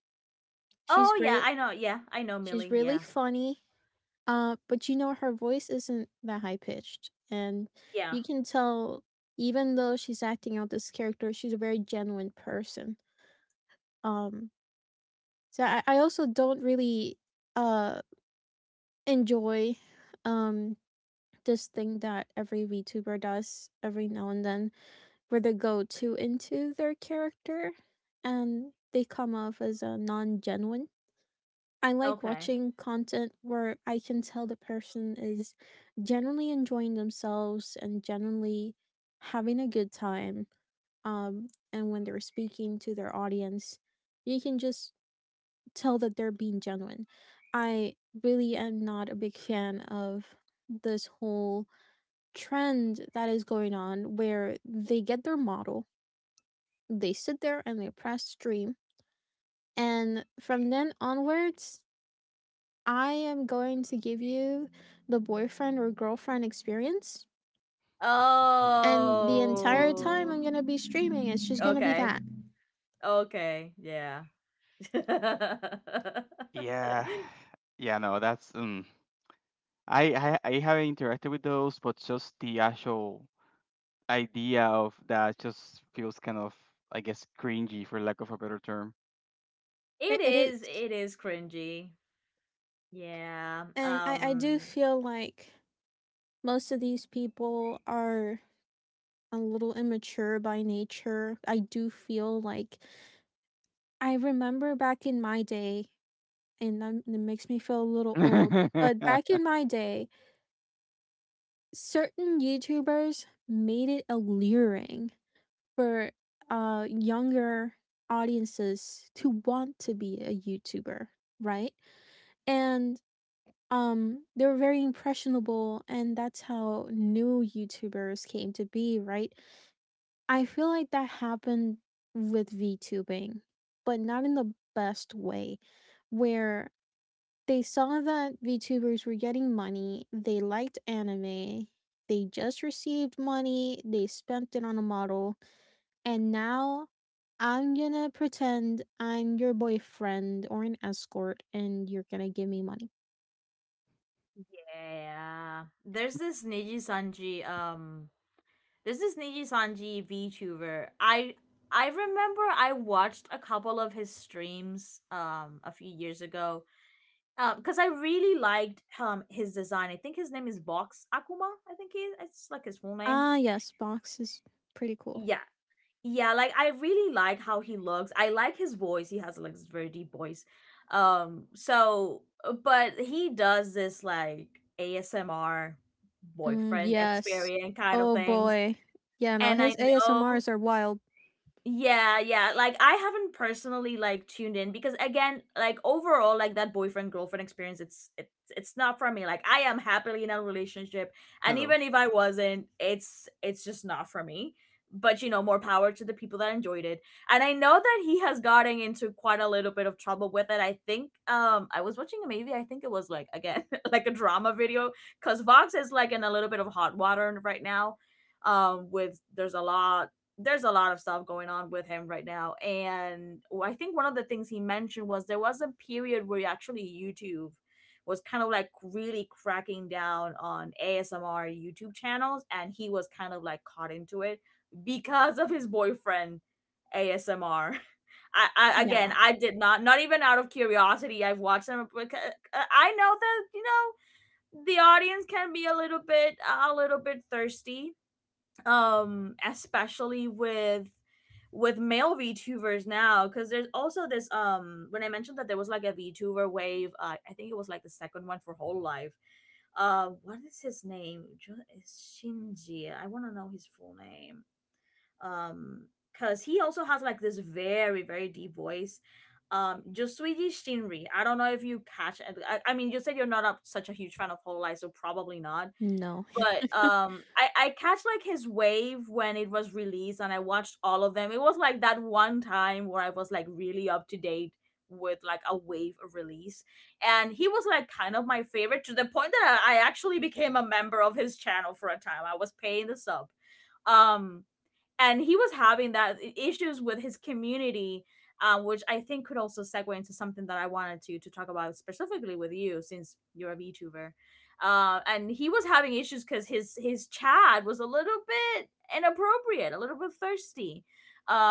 S3: She's
S1: Oh,
S3: great.
S1: yeah, I know
S3: She's
S1: Millie,
S3: really
S1: yeah.
S3: funny. But you know, her voice isn't that high pitched. And
S1: Yeah,
S3: you can tell, even though she's acting out this character, she's a very genuine person. Um, so I also don't really uh, enjoy, um, this thing that every VTuber does every now and then were the go-to into their character and they come off as a non-genuine. I like
S1: okay.
S3: watching content where I can tell the person is generally enjoying themselves and generally having a good time. Um, and when they're speaking to their audience, you can just tell that they're being genuine. I really am not a big fan of this whole trend that is going on where they get their model, they sit there and they press stream. And from then onwards, I am going to give you the boyfriend or girlfriend experience. And the entire time I'm
S1: Oh,
S3: going to be streaming, it's just going to be
S1: okay.
S3: that.
S1: Okay, yeah.
S2: Yeah, yeah, no, that's, I haven't interacted with those, but just the actual idea of that just feels kind of, I guess, cringy for lack of a better term.
S3: It, it is.
S1: It is cringy. Yeah,
S3: And I do feel like most of these people are a little immature by nature. I do feel like I remember back in my day, and it makes me feel a little old, but back in my day, certain YouTubers made it alluring for, younger audiences to want to be a YouTuber, right? And they were very impressionable, and that's how new YouTubers came to be, right? I feel like that happened with VTubing, but not in the best way, where they saw that VTubers were getting money, they liked anime, they just received money, they spent it on a model, and now I'm gonna pretend I'm your boyfriend or an escort and you're gonna give me money.
S1: yeah. There's this Niji Sanji VTuber. I remember I watched a couple of his streams a few years ago. Because I really liked his design. I think his name is Vox Akuma. I think he is. It's like his full name.
S3: Ah, yes, Box is pretty cool.
S1: Yeah, yeah. Like, I really like how he looks. I like his voice. He has like this very deep voice. But he does this like ASMR
S3: Mm,
S1: boyfriend
S3: yes.
S1: experience kind of
S3: Oh
S1: things.
S3: boy. Yeah, no,
S1: And I
S3: his
S1: know
S3: ASMRs are wild.
S1: Yeah, yeah. Like I haven't personally like tuned in because again, like overall, like that boyfriend girlfriend experience, it's not for me. Like I am happily in a relationship, and
S2: Hello.
S1: even if I wasn't, it's just not for me. But you know, more power to the people that enjoyed it. And I know that he has gotten into quite a little bit of trouble with it. I think I was watching a movie. I think it was like again like a drama video because Vox is like in a little bit of hot water right now with there's a law there's a lot of stuff going on with him right now, and I think one of the things he mentioned was there was a period where actually YouTube was kind of like really cracking down on ASMR YouTube channels, and he was kind of like caught into it because of his boyfriend ASMR. I, I again,
S3: Yeah.
S1: I did not not even out of curiosity I've watched them, because I know that you know the audience can be a little bit thirsty, especially with male VTubers now, because there's also this when I mentioned that there was like a VTuber wave, I think it was like the second one for Whole Life. What is his name? Jo- is Shinji, I want to know his full name. um because he also has like this very deep voice. Josuiji Shinri, I don't know if you catch it. I mean, you said you're not a, such a huge fan of Whole Life, so probably not.
S3: No.
S1: But um, I catch like his wave when it was released, and I watched all of them. It was like that one time where I was like really up to date with like a wave of release, and he was like kind of my favorite, to the point that I actually became a member of his channel for a time. I was paying the sub. Um and he was having that issues with his community, which I think could also segue into something that I wanted to talk about specifically with you, since you're a VTuber. And he was having issues because his chat was a little bit inappropriate, a little bit thirsty,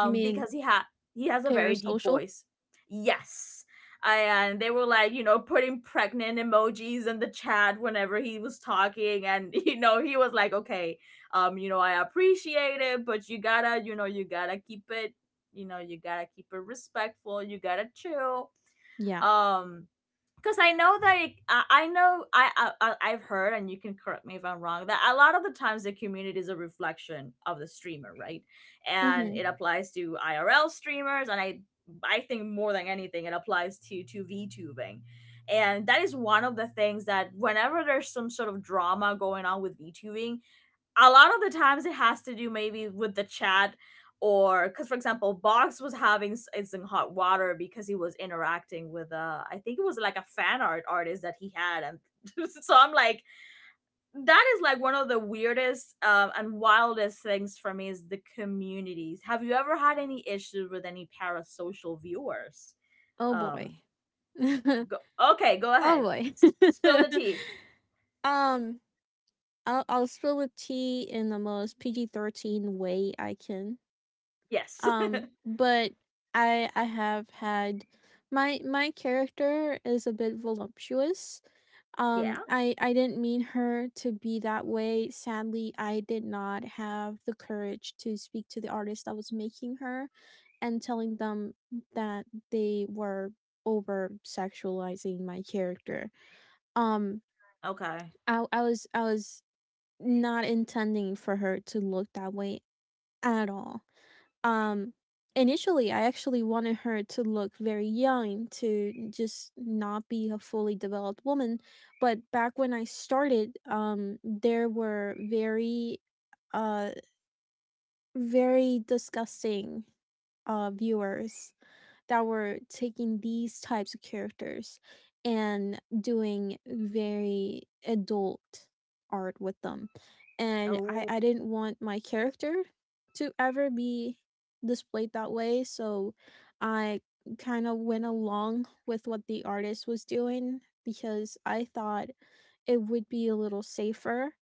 S3: You mean
S1: because he had he has a very deep
S3: parasocial?
S1: voice. Yes. And they were like, you know, putting pregnant emojis in the chat whenever he was talking, and you know, he was like, okay, you know, I appreciate it, but you gotta, you know, you gotta keep it, you know, you gotta keep it respectful, you gotta chill.
S3: Yeah.
S1: um because I know that it, I know I've heard, and you can correct me if I'm wrong, that a lot of the times the community is a reflection of the streamer, right? And
S3: Mm-hmm.
S1: it applies to IRL streamers, and i think more than anything it applies to VTubing. And that is one of the things that whenever there's some sort of drama going on with VTubing, a lot of the times it has to do maybe with the chat, or because, for example, Box was having it's in hot water because he was interacting with I think it was like a fan art artist that he had. And so I'm like, that is like one of the weirdest and wildest things for me is the communities. Have you ever had any issues with any parasocial viewers?
S3: Oh boy.
S1: um go- okay, go
S3: Oh
S1: ahead.
S3: boy.
S1: Spill the tea.
S3: um, I'll spill the tea in the most PG PG-13 way I can.
S1: Yes.
S3: But I have had my character is a bit voluptuous.
S1: Yeah.
S3: I didn't mean her to be that way. Sadly, I did not have the courage to speak to the artist that was making her and telling them that they were over sexualizing my character. Um,
S1: Okay.
S3: I was not intending for her to look that way at all. Um, Initially, I actually wanted her to look very young, to just not be a fully developed woman. But back when I started, there were very, uh, very disgusting, viewers that were taking these types of characters and doing very adult art with them. And
S1: Oh.
S3: I didn't want my character to ever be displayed that way. So I kind of went along with what the artist was doing because I thought it would be a little safer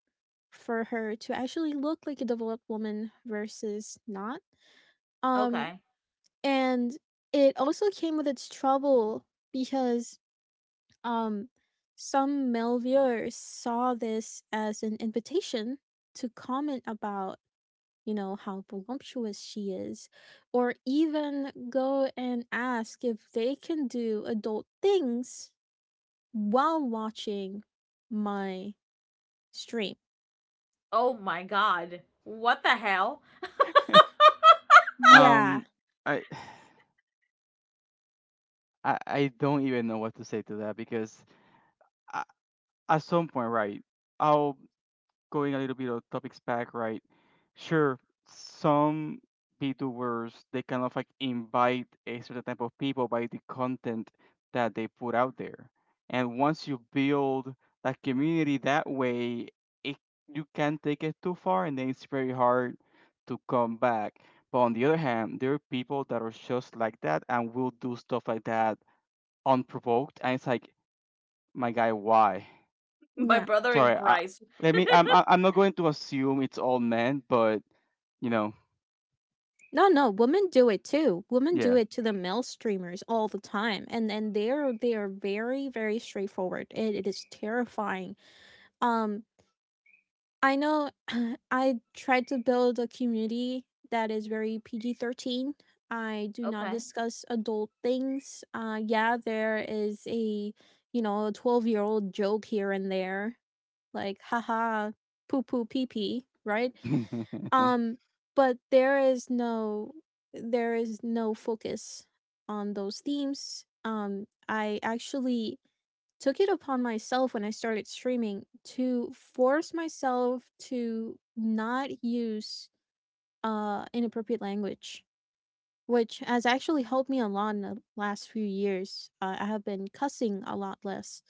S3: for her to actually look like a developed woman versus not. Um
S1: Okay.
S3: and it also came with its trouble because um some Melviers saw this as an invitation to comment about, you know, how voluptuous she is, or even go and ask if they can do adult things while watching my stream.
S1: Oh my god. What the hell?
S3: Yeah.
S2: Um, I, I don't even know what to say to that because I at some point, right? I'll Going a little bit of topics back, right? Sure, some VTubers they kind of like invite a certain type of people by the content that they put out there, and once you build that community that way, it you can take it too far, and then it's very hard to come back. But on the other hand, there are people that are just like that and will do stuff like that unprovoked, and it's like, my guy, why?
S1: My
S3: Yeah.
S1: brother in
S2: Sorry, I,
S1: Christ.
S2: let me. I'm not going to assume it's all men, but you know,
S3: No, no, women do it too. Women do
S2: yeah.
S3: it to the male streamers all the time, and they're they are very very straightforward. It is terrifying. Um, I know, I tried to build a community that is very PG PG-13. I do not
S1: Okay.
S3: discuss adult things. Yeah, there is a you know a 12-year old joke here and there, like haha, poo poo pee pee, right?
S2: Yeah,
S3: Um, but there is there is no focus on those themes. I actually took it upon myself when I started streaming to force myself to not use inappropriate language, which has actually helped me a lot in the last few years. I have been cussing a lot less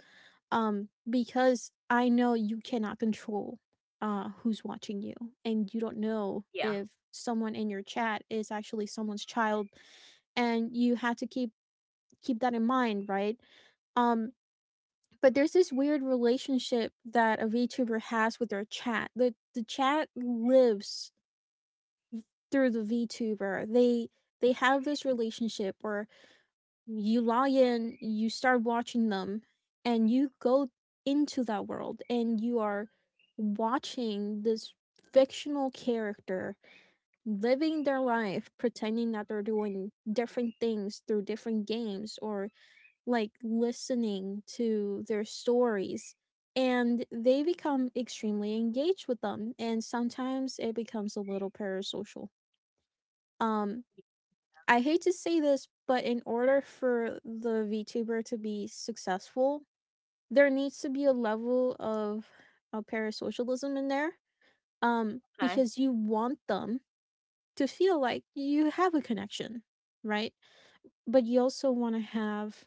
S3: because I know you cannot control who's watching you, and you don't know
S1: Yeah.
S3: if someone in your chat is actually someone's child, and you have to keep that in mind, right? Um, but there's this weird relationship that a VTuber has with their chat. The chat lives through the VTuber. They have this relationship where you log in, you start watching them, and you go into that world, and you are watching this fictional character living their life, pretending that they're doing different things through different games or like listening to their stories, and they become extremely engaged with them, and sometimes it becomes a little parasocial. um I hate to say this, but in order for the VTuber to be successful, there needs to be a level of, parasocialism in there,
S1: Okay.
S3: because you want them to feel like you have a connection, right? But you also wanna have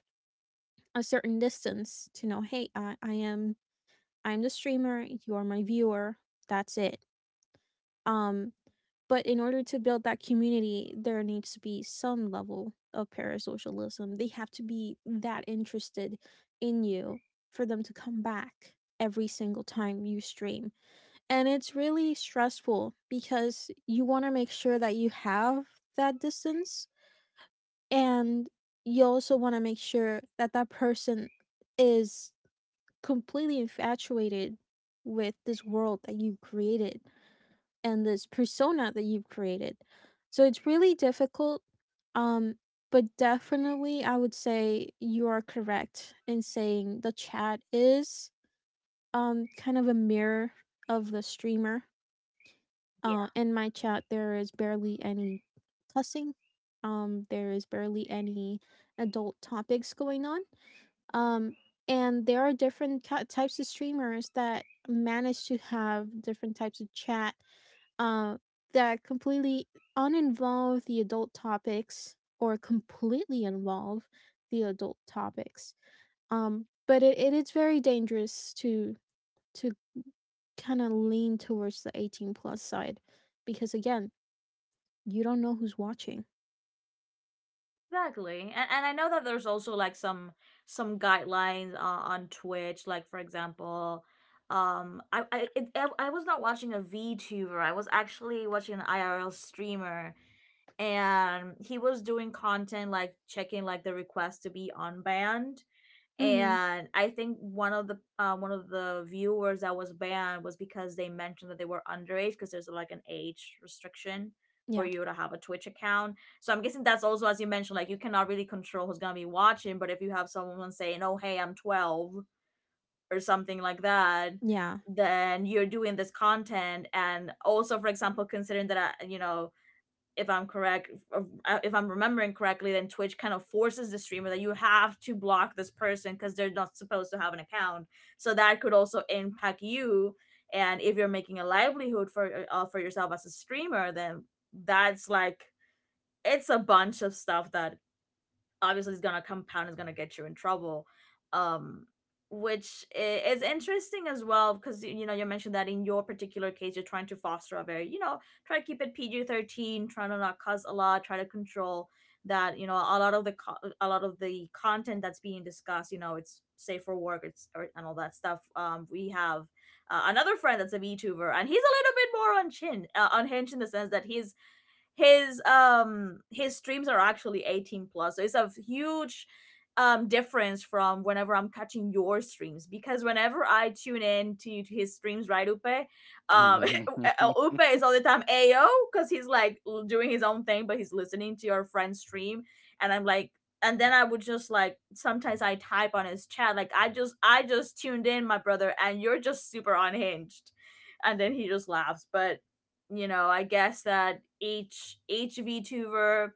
S3: a certain distance to know, "Hey, I am I am the streamer, you are my viewer, that's it." Um But in order to build that community, there needs to be some level of parasocialism. They have to be that interested in you for them to come back every single time you stream. And it's really stressful because you want to make sure that you have that distance, and you also want to make sure that that person is completely infatuated with this world that you created and this persona that you've created. So it's really difficult. Um, but definitely, I would say you are correct in saying the chat is kind of a mirror of the streamer.
S1: Yeah.
S3: In my chat, there is barely any cussing. There is barely any adult topics going on. Um, and there are different ki types of streamers that manage to have different types of chat, uh, that completely uninvolve the adult topics or completely involve the adult topics. But it is very dangerous to to kind of lean towards the 18 plus side because again, you don't know who's watching.
S1: Exactly. And I know that there's also like some guidelines on Twitch, like for example I, it, I was not watching a VTuber. I was actually watching an IRL streamer, and he was doing content like checking like the request to be unbanned.
S3: Hmm.
S1: And I think one of the viewers that was banned was because they mentioned that they were underage, because there's like an age restriction for
S3: Yeah,
S1: you to have a Twitch account. So I'm guessing that's also, as you mentioned, like you cannot really control who's gonna be watching, but if you have someone saying, "Oh, hey, I'm 12" or something like that,
S3: yeah,
S1: then you're doing this content. And also, for example, considering that I, you know, if I'm correct, I'm remembering correctly, then Twitch kind of forces the streamer that you have to block this person because they're not supposed to have an account. So that could also impact you. And if you're making a livelihood for yourself as a streamer, then that's like it's a bunch of stuff that obviously it's gonna compound. It's gonna get you in trouble. um which is interesting as well, because you know, you mentioned that in your particular case, you're trying to foster a very, you know, try to keep it PG-13, try to not cause a lot, try to control that, you know, a lot of the a lot of the content that's being discussed, you know, it's safe for work, it's or, and all that stuff. We have another friend that's a VTuber, and he's a little bit more on chin unhinged, in the sense that he's his streams are actually 18 plus, so it's a huge difference from whenever I'm catching your streams. Because whenever I tune in to his streams, right, upe, um upe is all the time ayo, because he's like doing his own thing, but he's listening to your friend's stream. And I'm like, and then I would just like sometimes I type on his chat, like I just tuned in, my brother, and you're just super unhinged. And then he just laughs. But you know, I guess that each VTuber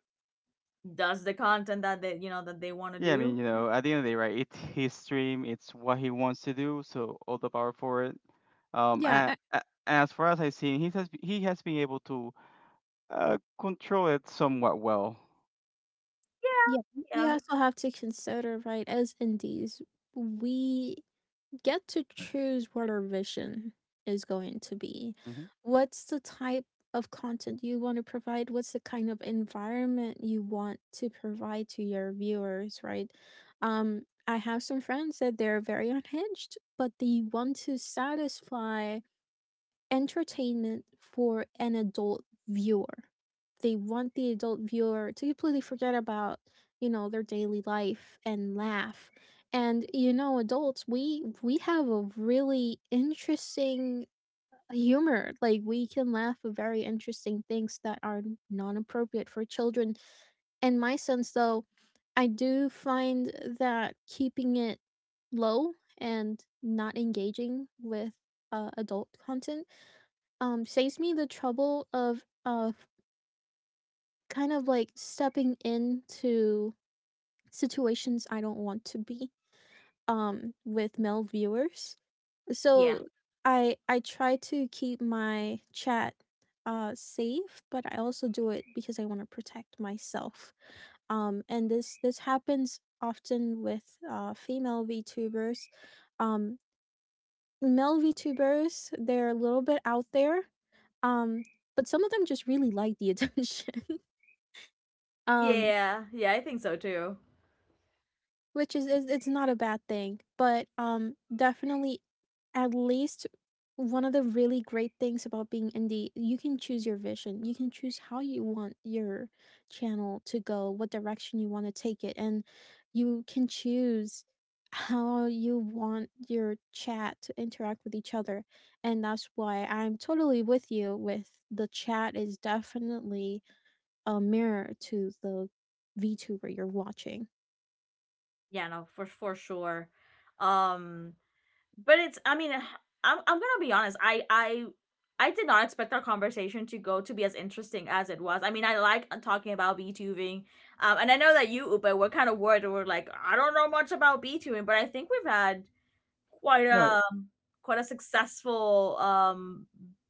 S1: does the content that they, you know, that they want to
S2: I mean,
S1: do.
S2: you know, at the end of the day, right? It's his dream. It's what he wants to do. So all the power for it.
S3: yeah,
S2: And, as far as I've seen, he has been able to control it somewhat well.
S3: yeah. You
S1: Yeah.
S3: also have to consider, right? As indies, we get to choose what our vision is going to be.
S2: Hmm.
S3: What's the type of content you want to provide? What's the kind of environment you want to provide to your viewers, right? I have some friends that they're very unhinged, but they want to satisfy entertainment for an adult viewer. They want the adult viewer to completely forget about, you know, their daily life, and laugh. And you know, adults, we have a really interesting humor. Like, we can laugh at very interesting things that are non-appropriate for children. In my sense though, I do find that keeping it low and not engaging with adult content saves me the trouble of kind of like stepping into situations I don't want to be, with male viewers.
S1: Yeah.
S3: So I try to keep my chat safe, but I also do it because I want to protect myself. And this happens often with female VTubers. Um, Male VTubers, they're a little bit out there, um, but some of them just really like the attention.
S1: Yeah, yeah,
S3: Um,
S1: yeah, yeah, I think so too.
S3: Which is it's not a bad thing, but, definitely at least one of the really great things about being indie, you can choose your vision, you can choose how you want your channel to go, what direction you wanna take it, and you can choose how you want your chat to interact with each other, and that's why I'm totally with you with the chat is definitely a mirror to the VTuber you're watching.
S1: Yeah, no, for sure. Um but it's, I mean, I'm gonna be honest, i did not expect our conversation to go to be as interesting as it was. I mean, I like talking about b-tubing, and I know that you, upa, were kind of worried, we're like, I don't know much about b-tubing, but I think we've had quite
S2: No,
S1: a quite a successful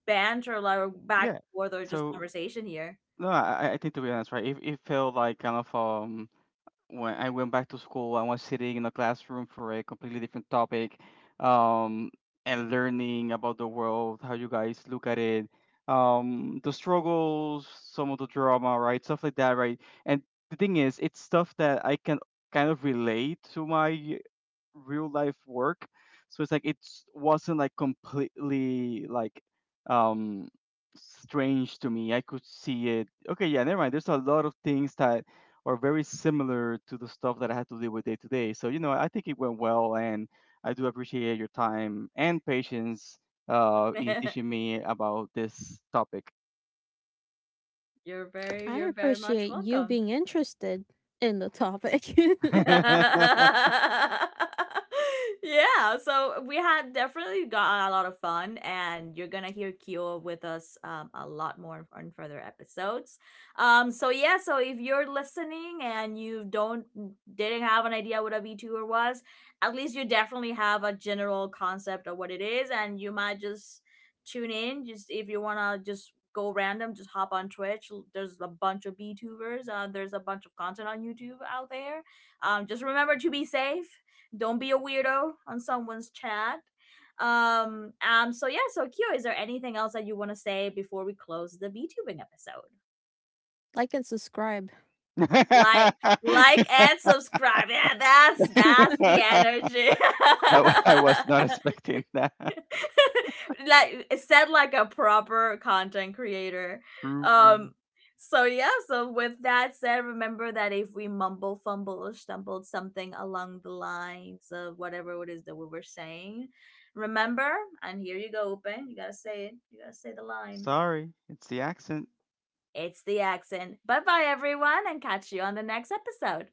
S1: banter, like back
S2: yeah.
S1: and forth, or just
S2: So
S1: conversation here.
S2: no, I think to be honest, right? It felt like kind of, when I went back to school, I was sitting in a classroom for a completely different topic, um, and learning about the world, how you guys look at it, the struggles, some of the drama, right, stuff like that, right. And the thing is, it's stuff that I can kind of relate to my real life work, so it's like it wasn't like completely like um strange to me. I could see it, okay yeah, never mind, there's a lot of things that are very similar to the stuff that I had to deal with day to day, so you know I think it went well, and I do appreciate your time and patience in teaching me about this topic.
S1: You're very,
S3: I
S1: you're very much
S3: appreciate you
S1: welcome.
S3: being interested in the topic.
S2: I,
S1: Yeah, so we had definitely got a lot of fun, and you're gonna hear Kyo with us, a lot more on further episodes. So yeah, so if you're listening and you don't didn't have an idea what a VTuber was, at least you definitely have a general concept of what it is, and you might just tune in. Just if you wanna just go random, just hop on Twitch. There's a bunch of VTubers. There's a bunch of content on YouTube out there, just remember to be safe. Don't be a weirdo on someone's chat. So yeah, so Kyo, is there anything else that you want to say before we close the VTubing episode?
S3: Like and subscribe.
S1: Like, like, and subscribe. Yeah, that's the energy.
S2: I was not expecting that.
S1: Like, said like a proper content creator.
S2: True.
S1: Um so yeah, so with that said, remember that if we mumble, fumble, or stumbled something along the lines of whatever it is that we were saying, remember, and here you go, open. You gotta say it. You gotta say the line.
S2: Sorry, it's the accent.
S1: It's the accent. Bye bye everyone, and catch you on the next episode.